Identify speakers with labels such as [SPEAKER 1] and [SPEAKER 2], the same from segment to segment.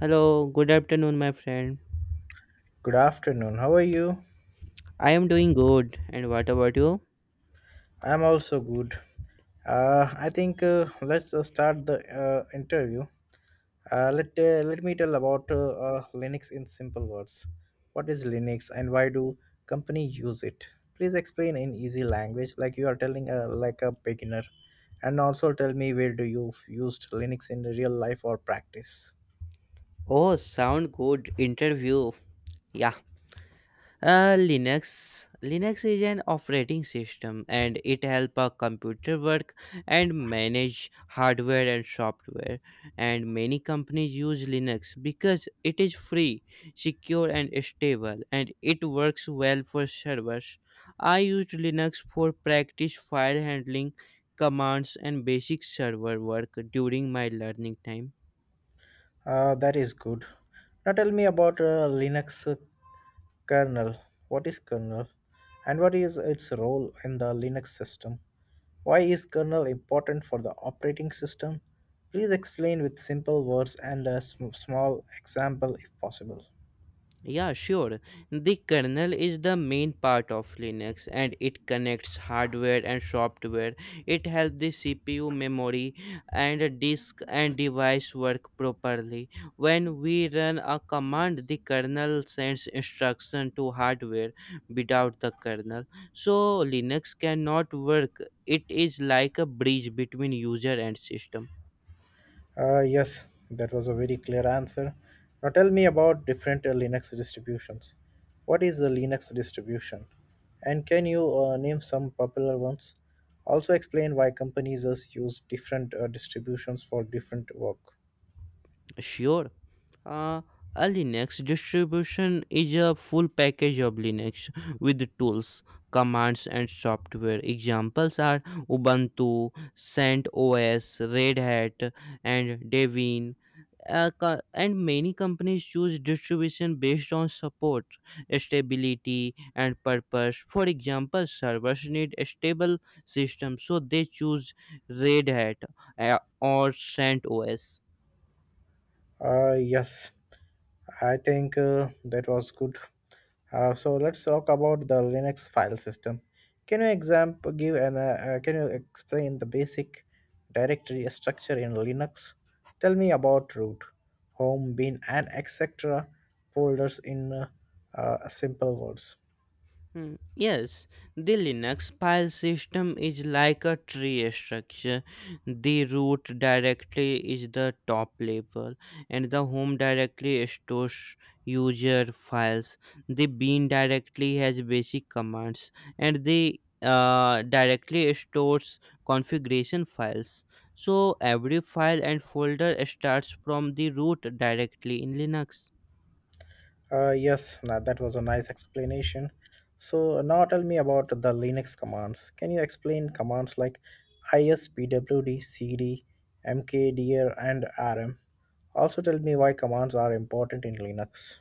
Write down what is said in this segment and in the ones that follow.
[SPEAKER 1] Hello, good afternoon, my friend.
[SPEAKER 2] Good afternoon. How are you?
[SPEAKER 1] I am doing good, and what about you?
[SPEAKER 2] I'm also good. I think let's start the interview. Let me tell about Linux in simple words. What is Linux and why do company use it? Please explain in easy language, like you are telling like a beginner, and also tell me where do you used Linux in real life or practice.
[SPEAKER 1] Oh, sound good interview. Yeah. Linux is an operating system and it help a computer work and manage hardware and software and many companies use Linux because it is free, secure and stable and it works well for servers. I used Linux for practice file handling, commands and basic server work during my learning time.
[SPEAKER 2] That is good. Now tell me about Linux Kernel. What is kernel? And what is its role in the Linux system? Why is kernel important for the operating system? Please explain with simple words and a small example if possible.
[SPEAKER 1] Yeah, sure. The kernel is the main part of Linux and it connects hardware and software. It helps the CPU, memory, and a disk and device work properly. When we run a command, the kernel sends instruction to hardware without the kernel. So Linux cannot work. It is like a bridge between user and system.
[SPEAKER 2] Yes, that was a very clear answer. Now tell me about different Linux distributions. What is the Linux distribution? And can you name some popular ones? Also explain why companies use different distributions for different work.
[SPEAKER 1] Sure. Uh, a Linux distribution is a full package of Linux with the tools, commands, and software. Examples are Ubuntu, CentOS, Red Hat, and Debian. And many companies choose distribution based on support, stability, and purpose. For example, servers need a stable system, so they choose Red Hat or CentOS.
[SPEAKER 2] Yes, I think that was good. So let's talk about the Linux file system. Can you example give an can you explain the basic directory structure in Linux? Tell me about root, home, bin, and etc. folders in simple words.
[SPEAKER 1] Yes, the Linux file system is like a tree structure. The root directory is the top level, and the home directory stores user files. The bin directory has basic commands, and the directory stores configuration files. So every file and folder starts from the root directly in Linux.
[SPEAKER 2] Yes, now that was a nice explanation. So now tell me about the Linux commands. Can you explain commands like ispwd, cd, mkdir, and rm? Also tell me why commands are important in Linux.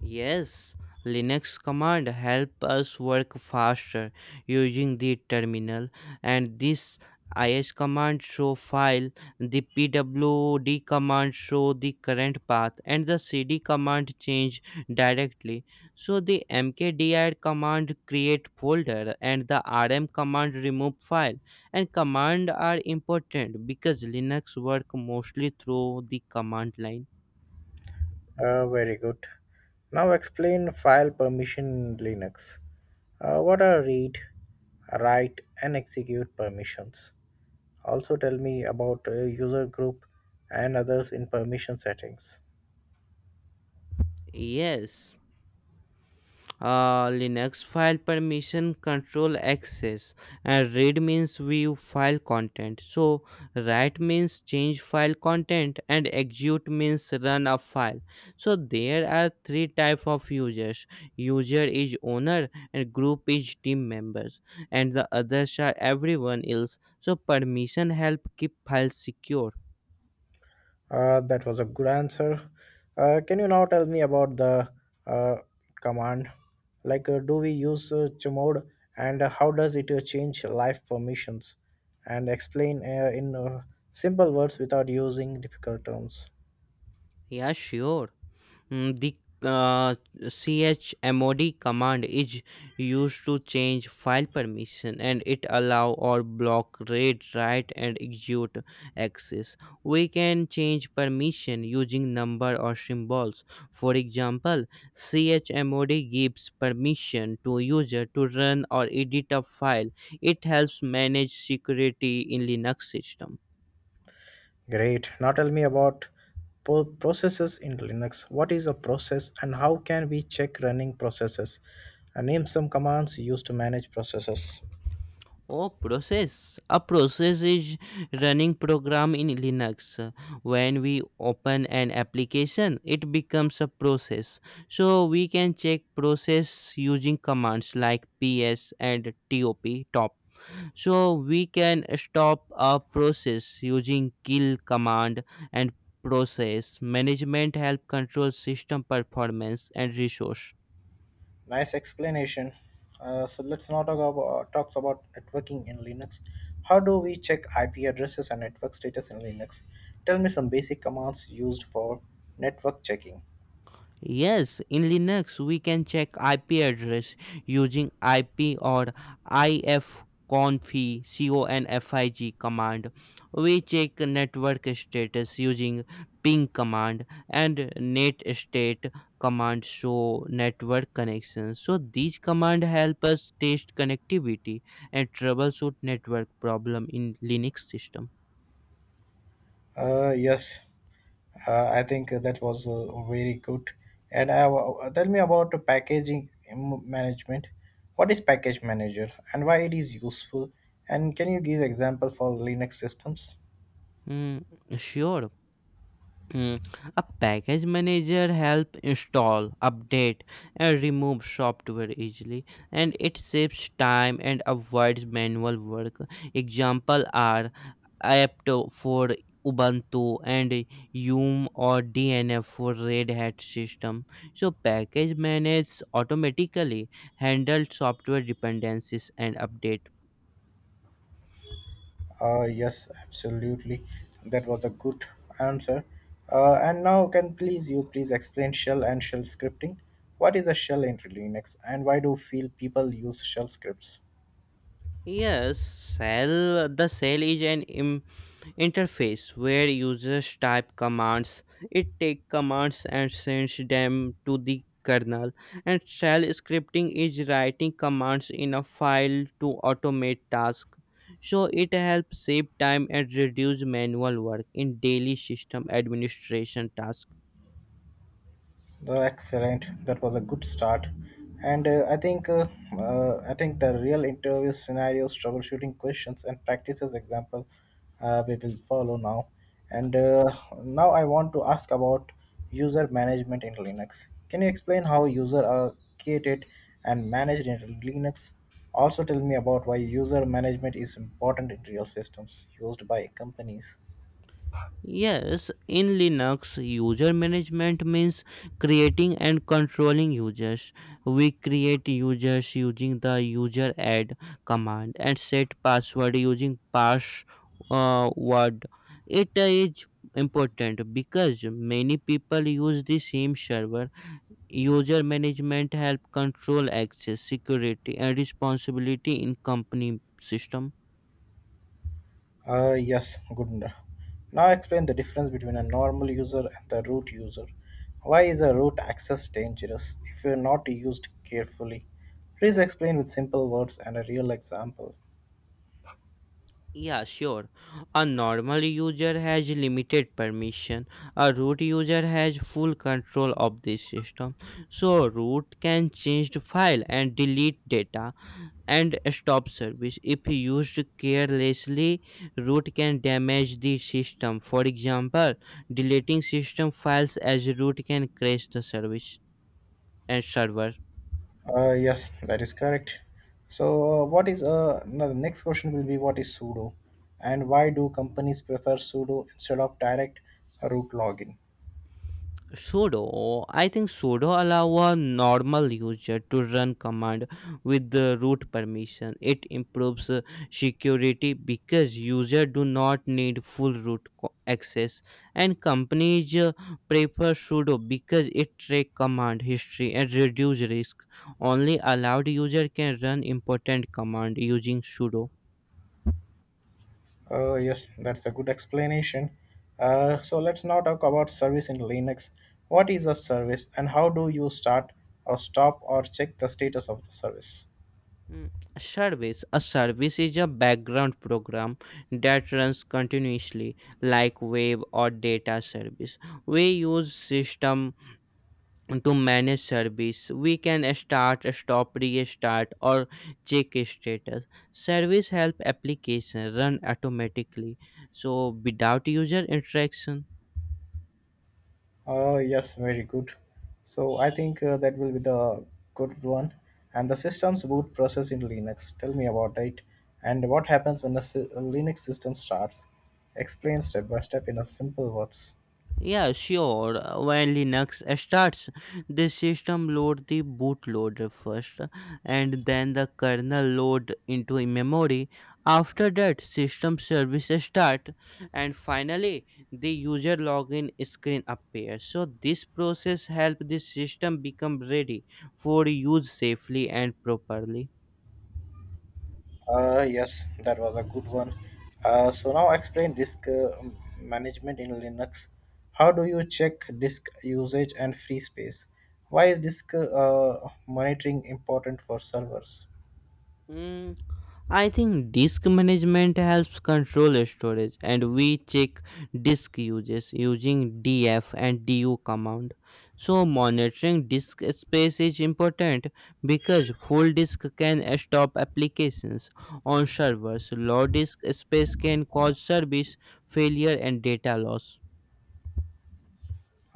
[SPEAKER 1] Yes, Linux command help us work faster using the terminal and this is command show file, the pwd command show the current path and the cd command change directly. So the mkdir command create folder and the rm command remove file and command are important because Linux work mostly through the command line.
[SPEAKER 2] Very good. Now explain file permission in Linux. What are read, write, and execute permissions? Also tell me about user group and others in permission settings.
[SPEAKER 1] Yes. Linux file permission control access and read means view file content. So write means change file content and execute means run a file. So there are three type of users. User is owner and group is team members and the others are everyone else. So permission help keep files secure.
[SPEAKER 2] That was a good answer. Can you now tell me about the uh, command? Like, do we use chmod and how does it change life permissions? And explain in simple words without using difficult terms.
[SPEAKER 1] Yeah, sure. The uh, chmod command is used to change file permission and it allow or block read, write and execute access. We can change permission using number or symbols. For example, chmod gives permission to user to run or edit a file. It helps manage security in Linux system.
[SPEAKER 2] Great. Now tell me about processes in Linux. What is a process and how can we check running processes? Name some commands used to manage processes.
[SPEAKER 1] Oh, process. A process is running program in Linux. When we open an application, it becomes a process. So we can check process using commands like ps and top. So we can stop a process using kill command and process management help control system performance and resource.
[SPEAKER 2] Nice explanation. So let's now talk about networking in Linux. How do we check IP addresses and network status in Linux? Tell me some basic commands used for network checking.
[SPEAKER 1] Yes, in Linux, we can check IP address using IP or ifconfig config command. We check network status using ping command and net state command show network connection. So these command help us test connectivity and troubleshoot network problem in Linux system.
[SPEAKER 2] Yes, I think that was very good. And tell me about the packaging management. What is package manager and why it is useful? And can you give example for Linux systems?
[SPEAKER 1] Hmm, sure. Mm, A package manager help install, update, and remove software easily, and it saves time and avoids manual work. Example are apt for Ubuntu and Yum or DNF for Red Hat system. So package manages automatically handle software dependencies and update.
[SPEAKER 2] Yes, absolutely. That was a good answer. And now, can please you please explain shell and shell scripting? What is a shell in Linux, and why do feel people use shell scripts?
[SPEAKER 1] Yes, cell. The cell is an interface where users type commands. It take commands and sends them to the kernel. And shell scripting is writing commands in a file to automate tasks. So it helps save time and reduce manual work in daily system administration tasks.
[SPEAKER 2] Oh, excellent. That was a good start. And I think the real interview scenarios, troubleshooting questions, and practices example we will follow now. And now I want to ask about user management in Linux. Can you explain how user are created and managed in Linux? Also, tell me about why user management is important in real systems used by companies.
[SPEAKER 1] Yes, in Linux, user management means creating and controlling users. We create users using the user add command and set password using pass word. It is important because many people use the same server. User management help control access, security, and responsibility in company system.
[SPEAKER 2] Yes, good. Now explain the difference between a normal user and the root user. Why is a root access dangerous if you're not used carefully? Please explain with simple words and a real example.
[SPEAKER 1] Yeah, sure. A normal user has limited permission. A root user has full control of the system. So root can change the file and delete data and stop service. If used carelessly, root can damage the system. For example, deleting system files as root can crash the service and server.
[SPEAKER 2] Yes, that is correct. So, what is now the next question will be what is sudo and why do companies prefer sudo instead of direct root login?
[SPEAKER 1] Sudo, I think sudo allow a normal user to run command with the root permission. It improves security because user do not need full root access and companies prefer sudo because it track command history and reduce risk. Only allowed user can run important command using sudo.
[SPEAKER 2] Oh, yes, that's a good explanation. So let's now talk about service in Linux. What is a service and how do you start or stop or check the status of the service?
[SPEAKER 1] A service. A service is a background program that runs continuously, like web or data service. We use system to manage service. We can start, stop, restart, or check status. Service help application run automatically, so without user interaction.
[SPEAKER 2] Oh, yes, very good. So I think that will be the good one. And the system's boot process in Linux. Tell me about it. And what happens when the Linux system starts? Explain step by step in a simple words.
[SPEAKER 1] Yeah, sure. When Linux starts, the system load the bootloader first and then the kernel load into a memory. After that, system service start and finally the user login screen appears. So this process help the system become ready for use safely and properly.
[SPEAKER 2] Yes, that was a good one. So now explain disk management in Linux. How do you check disk usage and free space? Why is disk monitoring important for servers?
[SPEAKER 1] Mm, I think disk management helps control storage and we check disk uses using df and du command. So monitoring disk space is important because full disk can stop applications on servers. Low disk space can cause service failure and data loss.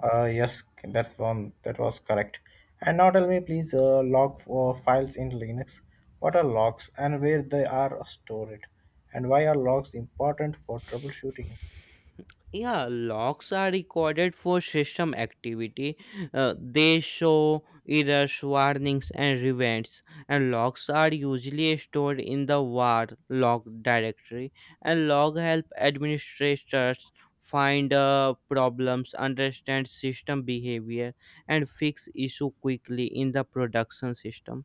[SPEAKER 2] Yes, that's one that was correct. And now tell me, please, log for files in Linux. What are logs and where they are stored, and why are logs important for troubleshooting?
[SPEAKER 1] Yeah, logs are recorded for system activity. They show errors, warnings and events, and logs are usually stored in the var log directory and log help administrators find problems, understand system behavior and fix issue quickly in the production system.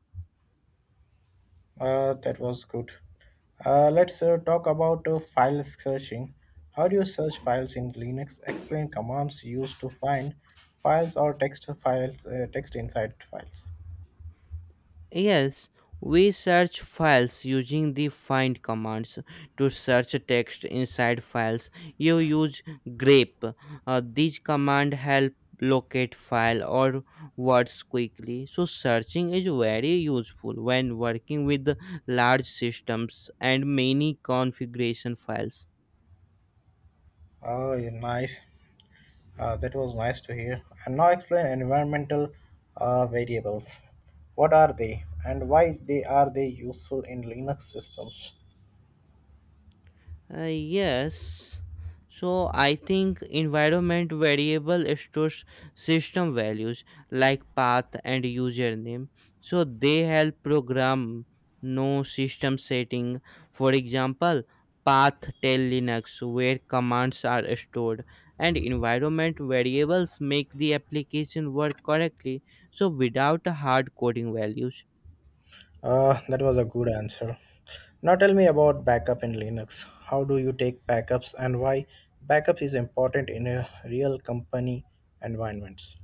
[SPEAKER 2] That was good. Let's talk about file searching. How do you search files in Linux? Explain commands used to find files or text files, text inside files.
[SPEAKER 1] Yes, we search files using the find commands to search text inside files. You use grep. These command help locate file or words quickly. So searching is very useful when working with large systems and many configuration files.
[SPEAKER 2] Oh, yeah, nice. That was nice to hear. And now explain environmental variables. What are they, and why they are they useful in Linux systems?
[SPEAKER 1] Yes. So I think environment variable stores system values like path and username. So they help program no system setting. For example, path tell Linux where commands are stored and environment variables make the application work correctly so without hard coding values.
[SPEAKER 2] That was a good answer. Now tell me about backup in Linux. How do you take backups and why backup is important in a real company environments?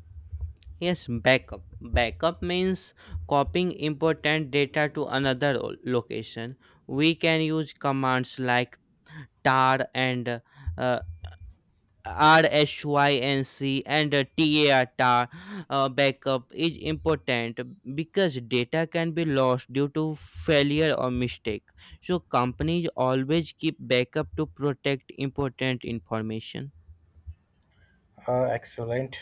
[SPEAKER 1] Yes, backup. Backup means copying important data to another location. We can use commands like tar and rhync and tar tar backup is important because data can be lost due to failure or mistake so companies always keep backup to protect important information.
[SPEAKER 2] Excellent.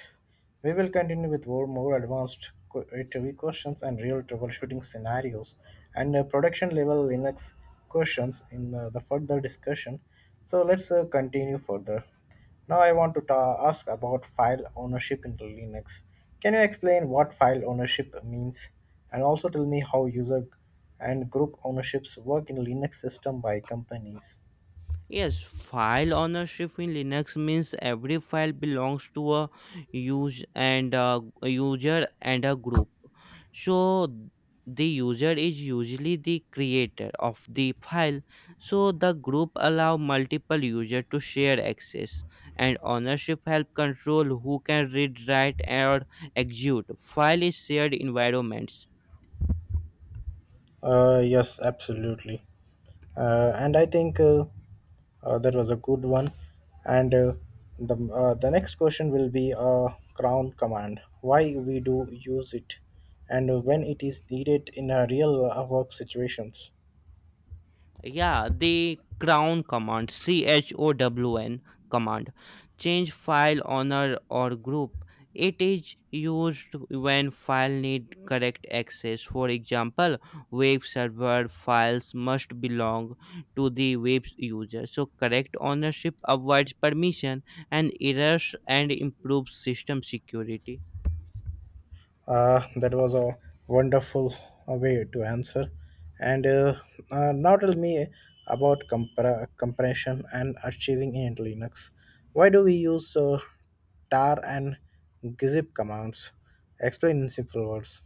[SPEAKER 2] We will continue with more advanced interview questions and real troubleshooting scenarios and production level Linux questions in the further discussion. So let's continue further. Now I want to ask about file ownership in Linux. Can you explain what file ownership means and also tell me how user and group ownerships work in Linux system by companies?
[SPEAKER 1] Yes, file ownership in Linux means every file belongs to a user and a group. So the user is usually the creator of the file. So the group allow multiple user to share access and ownership help control who can read, write or execute file is shared environments.
[SPEAKER 2] Yes, absolutely. And I think that was a good one. And the next question will be crown command. Why we do use it, and when it is needed in a real work situations.
[SPEAKER 1] Yeah, the crown command, chown command, change file owner or group. It is used when file need correct access. For example, web server files must belong to the web user. So correct ownership avoids permission and errors and improves system security.
[SPEAKER 2] That was a wonderful way to answer. And now tell me about compression and achieving in Linux. Why do we use tar and gzip commands? Explain in simple words.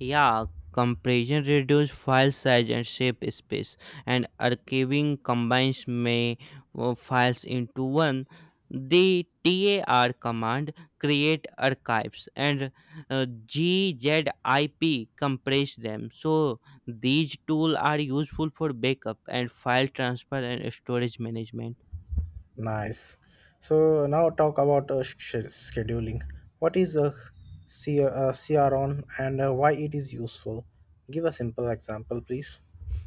[SPEAKER 1] Yeah, compression reduces file size and shape space, and archiving combines many files into one. The TAR command create archives and GZIP compress them. So these tools are useful for backup and file transfer and storage management.
[SPEAKER 2] Nice. So now talk about scheduling. What is a CRON and why it is useful? Give a simple example, please.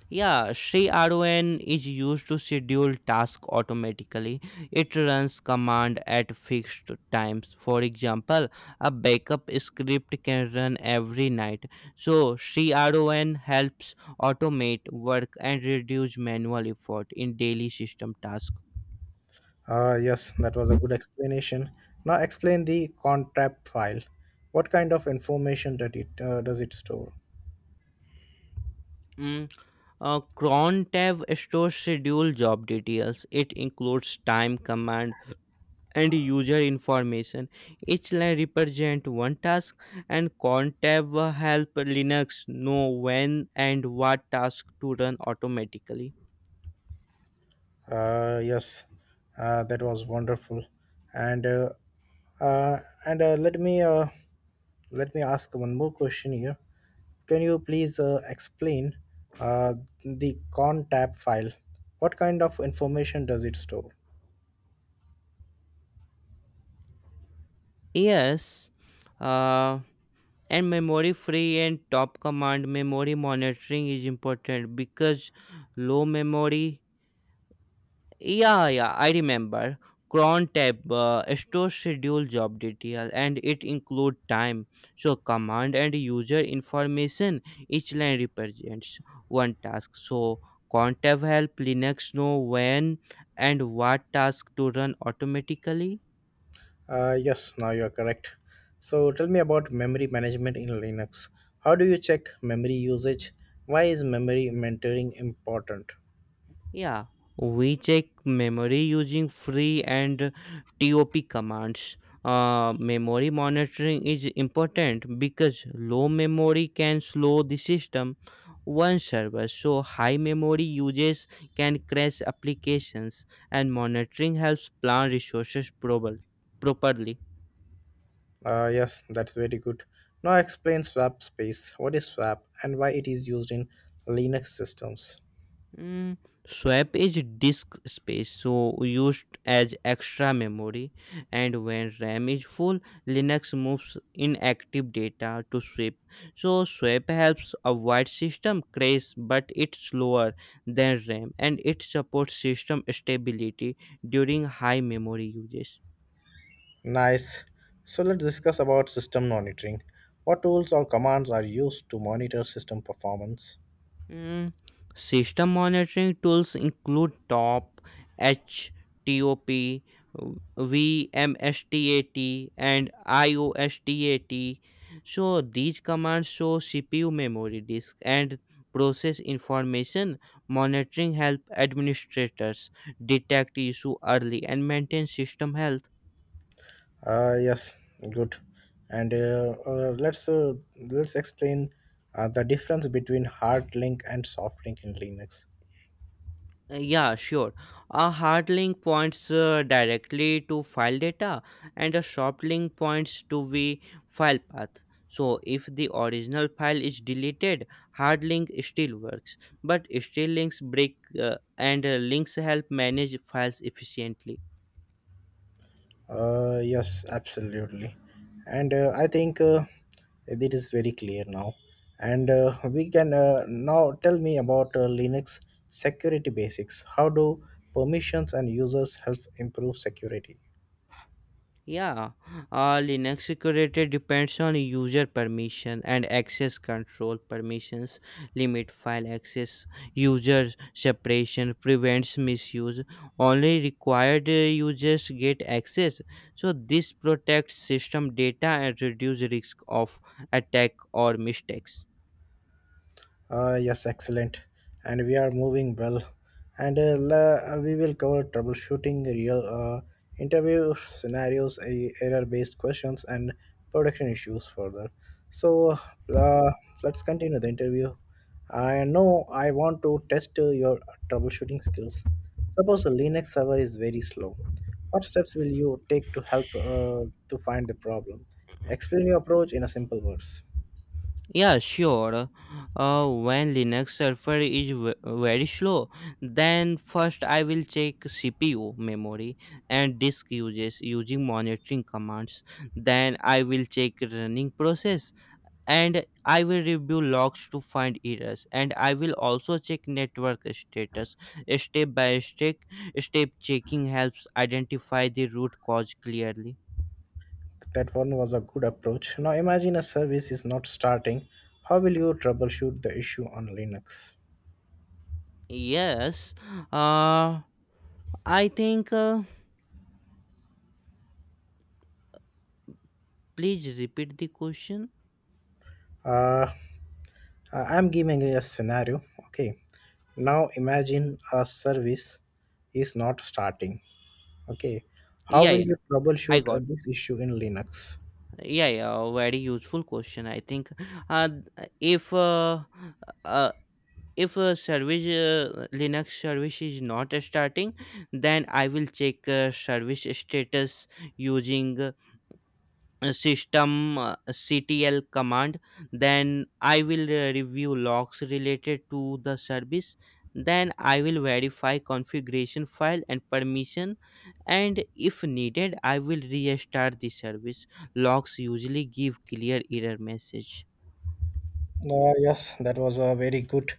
[SPEAKER 1] Yeah, ShriRON is used to schedule tasks automatically. It runs command at fixed times. For example, a backup script can run every night. So ShriRON helps automate work and reduce manual effort in daily system tasks.
[SPEAKER 2] Ah, yes, that was a good explanation. Now explain the contract file. What kind of information that it does it store?
[SPEAKER 1] Mm, Cron tab stores schedule job details. It includes time command and user information. Each line represents one task, and contab help Linux know when and what task to run automatically.
[SPEAKER 2] Yes, that was wonderful. And uh, uh, and let me ask one more question here. Can you please explain uh, the con tab file? What kind of information does it store?
[SPEAKER 1] Yes, uh, and memory free and top command memory monitoring is important because low memory. Yeah, yeah, I remember. Cron tab stores schedule job detail and it include time. So command and user information each line represents one task. So cron tab help Linux know when and what task to run automatically.
[SPEAKER 2] Yes, now you are correct. So tell me about memory management in Linux. How do you check memory usage? Why is memory mentoring important?
[SPEAKER 1] Yeah, we check memory using free and TOP commands. Memory monitoring is important because low memory can slow the system one server so high memory uses can crash applications and monitoring helps plan resources properly.
[SPEAKER 2] Yes, that's very good. Now explain swap space. What is swap and why it is used in Linux systems?
[SPEAKER 1] Mm, Swap is disk space, so used as extra memory. And when RAM is full, Linux moves inactive data to swap. So swap helps avoid system crash, but it's slower than RAM, and it supports system stability during high memory uses.
[SPEAKER 2] Nice. So let's discuss about system monitoring. What tools or commands are used to monitor system performance?
[SPEAKER 1] Mm, System monitoring tools include TOP, HTOP, VMSTAT, and IOSTAT. So these commands show CPU memory disk and process information. Monitoring help administrators detect issue early and maintain system health.
[SPEAKER 2] Yes, good. And let's explain the difference between hard link and soft link in Linux.
[SPEAKER 1] Yeah, sure. A hard link points directly to file data and a soft link points to the file path. So if the original file is deleted, hard link still works, but still links break and links help manage files efficiently.
[SPEAKER 2] Yes, absolutely. And I think it is very clear now. And we can now tell me about Linux security basics. How do permissions and users help improve security?
[SPEAKER 1] Yeah, Linux security depends on user permission and access control permissions, limit file access, user separation, prevents misuse. Only required users get access. So this protects system data and reduces risk of attack or mistakes.
[SPEAKER 2] Yes, excellent. And we are moving well. We will cover troubleshooting, real interview scenarios, error-based questions, and production issues further. So uh, let's continue the interview. I know I want to test your troubleshooting skills. Suppose a Linux server is very slow. What steps will you take to help to find the problem? Explain your approach in a simple words.
[SPEAKER 1] Yeah, sure. When Linux server is very slow, then first I will check CPU, memory, and disk uses using monitoring commands. Then I will check running process and I will review logs to find errors. And I will also check network status. Step by step, step checking helps identify the root cause clearly.
[SPEAKER 2] That one was a good approach. Now imagine a service is not starting. How will you troubleshoot the issue on Linux?
[SPEAKER 1] Yes, uh, I think. Please repeat the question.
[SPEAKER 2] Uh, I am giving a scenario. Okay. Now imagine a service is not starting. Okay. How
[SPEAKER 1] Yeah,
[SPEAKER 2] will
[SPEAKER 1] yeah,
[SPEAKER 2] you
[SPEAKER 1] I
[SPEAKER 2] troubleshoot
[SPEAKER 1] got.
[SPEAKER 2] this issue in Linux?
[SPEAKER 1] Yeah, yeah, very useful question. I think, uh, if uh, if a service, Linux service is not starting, then I will check service status using system, ctl command. Then I will, review logs related to the service. Then I will verify configuration file and permission, and if needed I will restart the service. Logs usually give clear error message.
[SPEAKER 2] Yes, that was a very good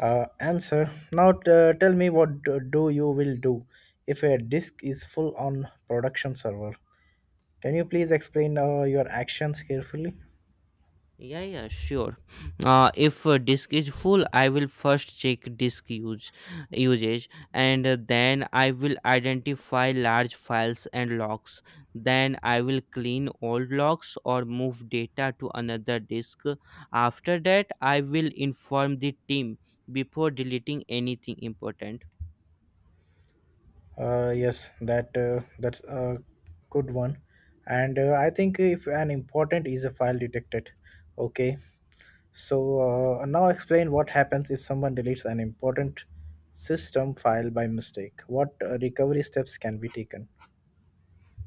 [SPEAKER 2] answer. Now tell me what do you will do if a disk is full on production server? Can you please explain your actions carefully?
[SPEAKER 1] Yeah, yeah, sure. If disk is full, I will first check disk use usage, and then I will identify large files and logs. Then I will clean old logs or move data to another disk. After that, I will inform the team before deleting anything important.
[SPEAKER 2] Yes, that's a good one, and I think if an important is a file detected, okay. So now explain what happens if someone deletes an important system file by mistake. What recovery steps can be taken?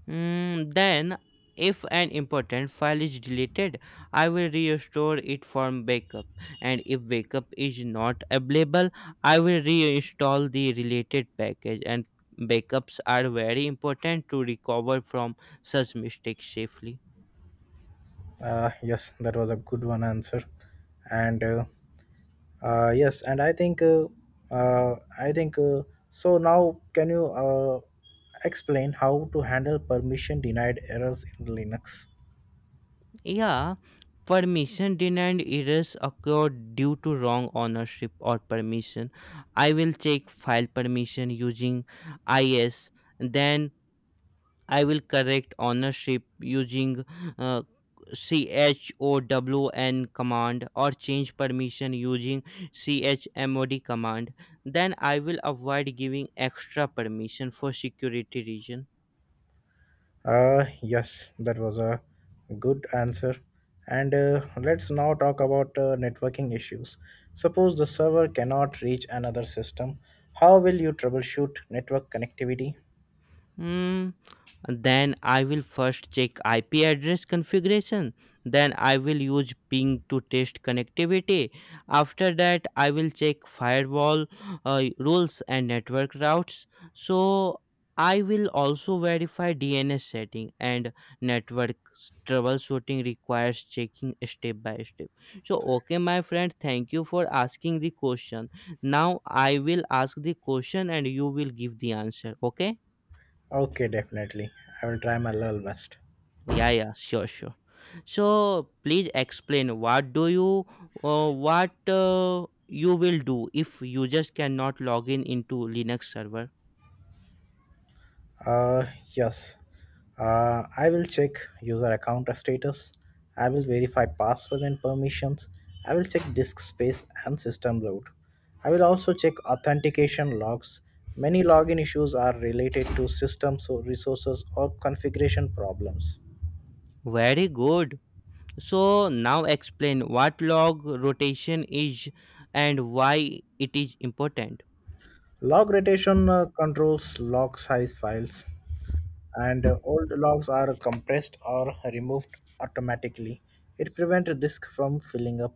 [SPEAKER 1] Mm, then, if an important file is deleted, I will restore it from backup. And if backup is not available, I will reinstall the related package. And backups are very important to recover from such mistakes safely.
[SPEAKER 2] Yes, that was a good one answer, and yes, and I think so. Now, can you explain how to handle permission denied errors in Linux?
[SPEAKER 1] Yeah, permission denied errors occur due to wrong ownership or permission. I will check file permission using IS. Then I will correct ownership using uh, CHOWN command, or change permission using CHMOD command. Then I will avoid giving extra permission for security reason.
[SPEAKER 2] Yes, that was a good answer. And let's now talk about networking issues. Suppose the server cannot reach another system. How will you troubleshoot network connectivity?
[SPEAKER 1] Hmm. Then I will first check IP address configuration. Then I will use ping to test connectivity. After that, I will check firewall rules and network routes. So I will also verify DNS setting and troubleshooting requires checking step by step. So okay, my friend, thank you for asking the question. Now I will ask the question and you will give the answer. Okay.
[SPEAKER 2] Okay, definitely. I will try my level best.
[SPEAKER 1] Yeah, yeah, sure, sure. So please explain what you will do if users cannot log in into Linux server.
[SPEAKER 2] Uh, yes. I will check user account status. I will verify password and permissions. I will check disk space and system load. I will also check authentication logs. Many login issues are related to system so resources or configuration problems.
[SPEAKER 1] Very good. So now explain what log rotation is and why it is important.
[SPEAKER 2] Log rotation controls log size files. And old logs are compressed or removed automatically. It prevents disk from filling up.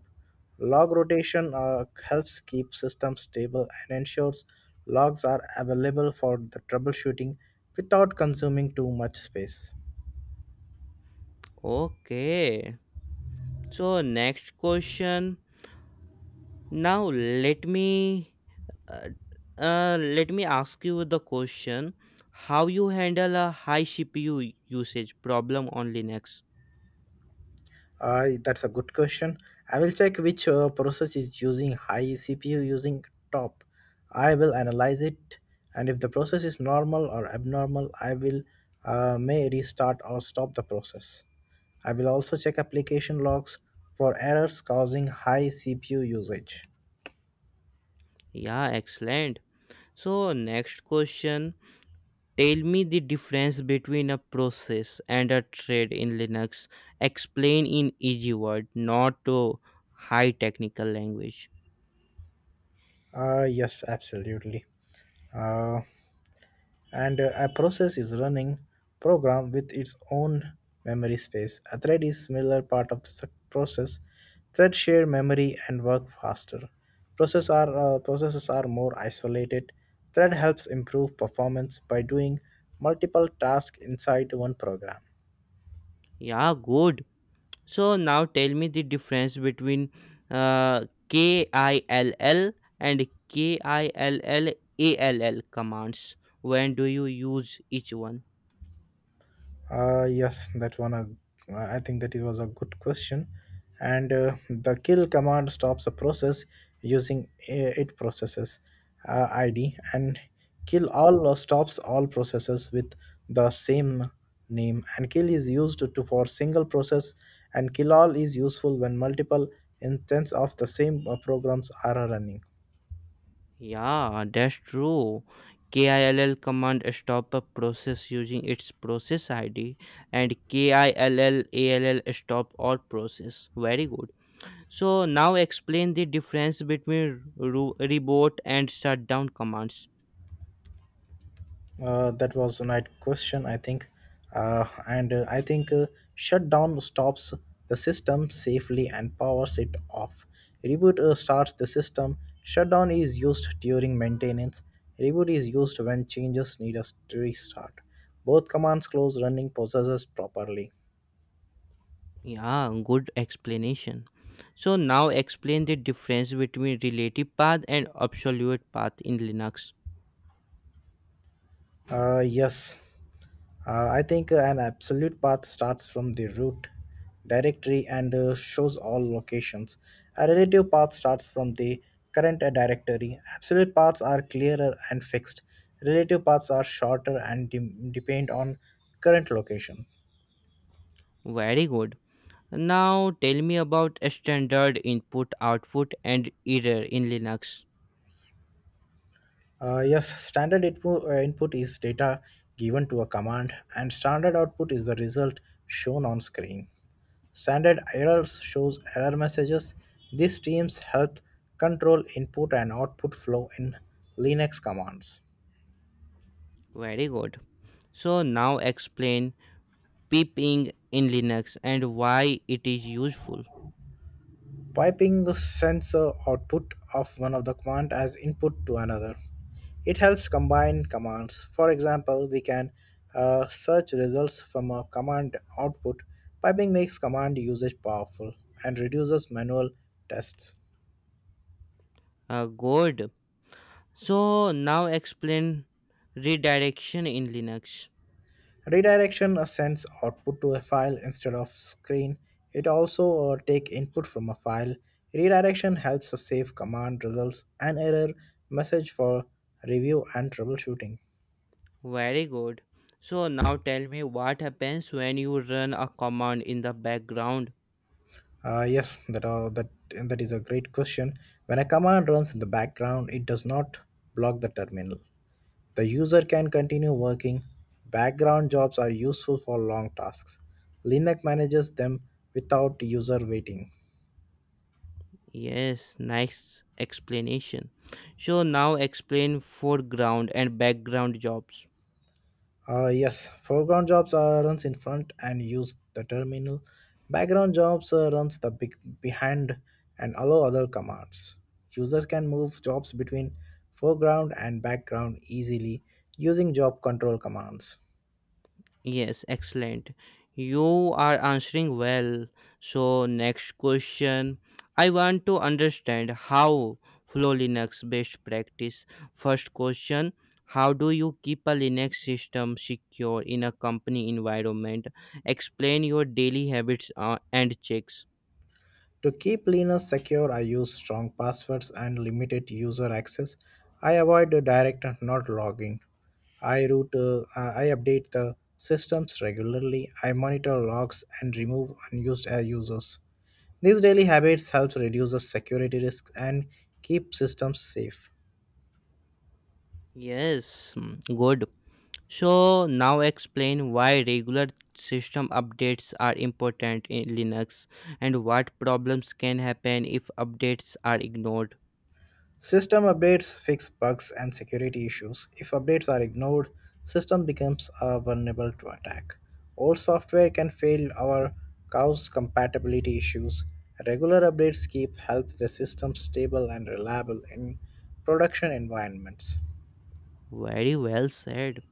[SPEAKER 2] Log rotation helps keep systems stable and ensures logs are available for the troubleshooting without consuming too much space.
[SPEAKER 1] Okay. So next question. Now let me Uh, Let me ask you the question, how you handle a high CPU usage problem on Linux.
[SPEAKER 2] That's a good question. I will check which process is using high CPU using top. I will analyze it, and if the process is normal or abnormal, I will may restart or stop the process. I will also check application logs for errors causing high CPU usage.
[SPEAKER 1] Yeah, excellent. So next question, tell me the difference between a process and a thread in Linux. Explain in easy word, not to high technical language.
[SPEAKER 2] Yes, absolutely. Uh, and A process is running program with its own memory space. A thread is similar part of the process. Threads share memory and work faster. Processes are more isolated. Thread helps improve performance by doing multiple tasks inside one program.
[SPEAKER 1] Yeah, good. So now tell me the difference between KILL and KILLALL commands. When do you use each one?
[SPEAKER 2] Yes, that one. I think that it was a good question, and the kill command stops a process using it processes ID, and kill all or stops all processes with the same name. And kill is used to for single process, and kill all is useful when multiple instances of the same programs are running.
[SPEAKER 1] Yeah, that's true. KILL command stop a process using its process ID, and KILLALL stop all process. Very good. So now explain the difference between reboot and shutdown commands.
[SPEAKER 2] That was a nice question, I think. Uh, and uh, I think uh, Shutdown stops the system safely and powers it off. Reboot starts the system. Shutdown is used during maintenance. Reboot is used when changes need a restart. Both commands close running processes properly.
[SPEAKER 1] Yeah, good explanation. So now explain the difference between relative path and absolute path in Linux.
[SPEAKER 2] Yes. I think An absolute path starts from the root directory and shows all locations. A relative path starts from the current directory. Absolute paths are clearer and fixed. Relative paths are shorter and depend on current location.
[SPEAKER 1] Very good. Now tell me about a standard input output and error in Linux.
[SPEAKER 2] Yes, standard input, input is data given to a command, and standard output is the result shown on screen. Standard errors shows error messages. These teams help control input and output flow in Linux commands.
[SPEAKER 1] Very good. So now explain piping in Linux and why it is useful.
[SPEAKER 2] Piping the sensor output of one of the command as input to another. It helps combine commands. For example, we can search results from a command output. Piping makes command usage powerful and reduces manual tests.
[SPEAKER 1] Good. So now explain redirection in Linux.
[SPEAKER 2] Redirection sends output to a file instead of screen. It also take input from a file. Redirection helps us save command results and error message for review and troubleshooting.
[SPEAKER 1] Very good. So now tell me what happens when you run a command in the background.
[SPEAKER 2] Yes, that is a great question. When a command runs in the background, it does not block the terminal. The user can continue working. Background jobs are useful for long tasks. Linux manages them without user waiting.
[SPEAKER 1] Yes, nice explanation. So now explain foreground and background jobs.
[SPEAKER 2] Yes, foreground jobs runs in front and use the terminal. Background jobs runs the big behind and allow other commands. Users can move jobs between foreground and background easily using job control commands.
[SPEAKER 1] Yes, excellent. You are answering well. So, next question, I want to understand how Flow Linux best practice. First question, how do you keep a Linux system secure in a company environment? Explain your daily habits and checks.
[SPEAKER 2] To keep Linux secure, I use strong passwords and limited user access. I avoid the direct not logging. I route, I update the systems regularly. I monitor logs and remove unused users. These daily habits help reduce the security risks and keep systems safe.
[SPEAKER 1] Yes, mm, good. So now explain why regular system updates are important in Linux, and what problems can happen if updates are ignored.
[SPEAKER 2] System updates fix bugs and security issues. If updates are ignored, system becomes vulnerable to attack. Old software can fail or cause compatibility issues. Regular updates keep help the system stable and reliable in production environments.
[SPEAKER 1] Very well said.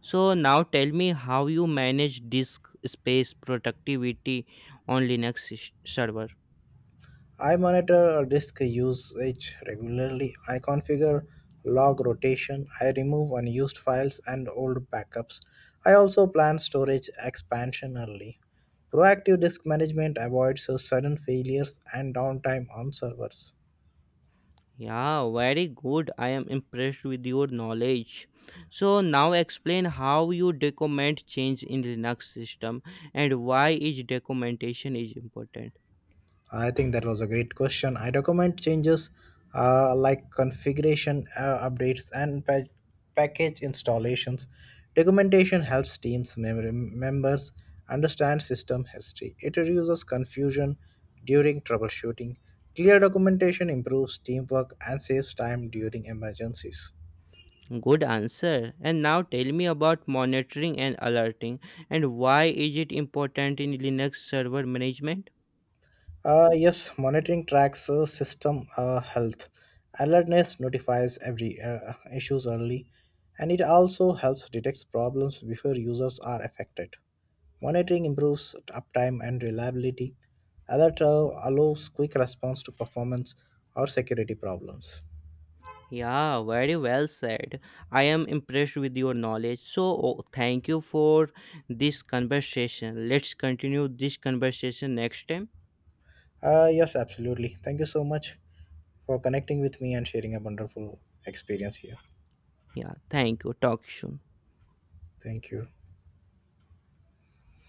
[SPEAKER 1] So now tell me how you manage disk space productivity on Linux server.
[SPEAKER 2] I monitor disk usage regularly. I configure log rotation. I remove unused files and old backups. I also plan storage expansion early. Proactive disk management avoids sudden failures and downtime on servers.
[SPEAKER 1] Yeah, very good. I am impressed with your knowledge. So now explain how you document change in Linux system, and why each documentation is important.
[SPEAKER 2] I think that was a great question. I document changes like configuration updates and package installations. Documentation helps teams members understand system history. It reduces confusion during troubleshooting. Clear documentation improves teamwork and saves time during emergencies.
[SPEAKER 1] Good answer. And now tell me about monitoring and alerting, and why is it important in Linux server management?
[SPEAKER 2] Yes, monitoring tracks system health. Alertness notifies every issues early, and it also helps detect problems before users are affected. Monitoring improves uptime and reliability. Alert allows quick response to performance or security problems.
[SPEAKER 1] Yeah, very well said. I am impressed with your knowledge. So, oh, thank you for this conversation. Let's continue this conversation next time.
[SPEAKER 2] Yes, absolutely. Thank you so much for connecting with me and sharing a wonderful experience here.
[SPEAKER 1] Yeah, thank you. Talk soon.
[SPEAKER 2] Thank you.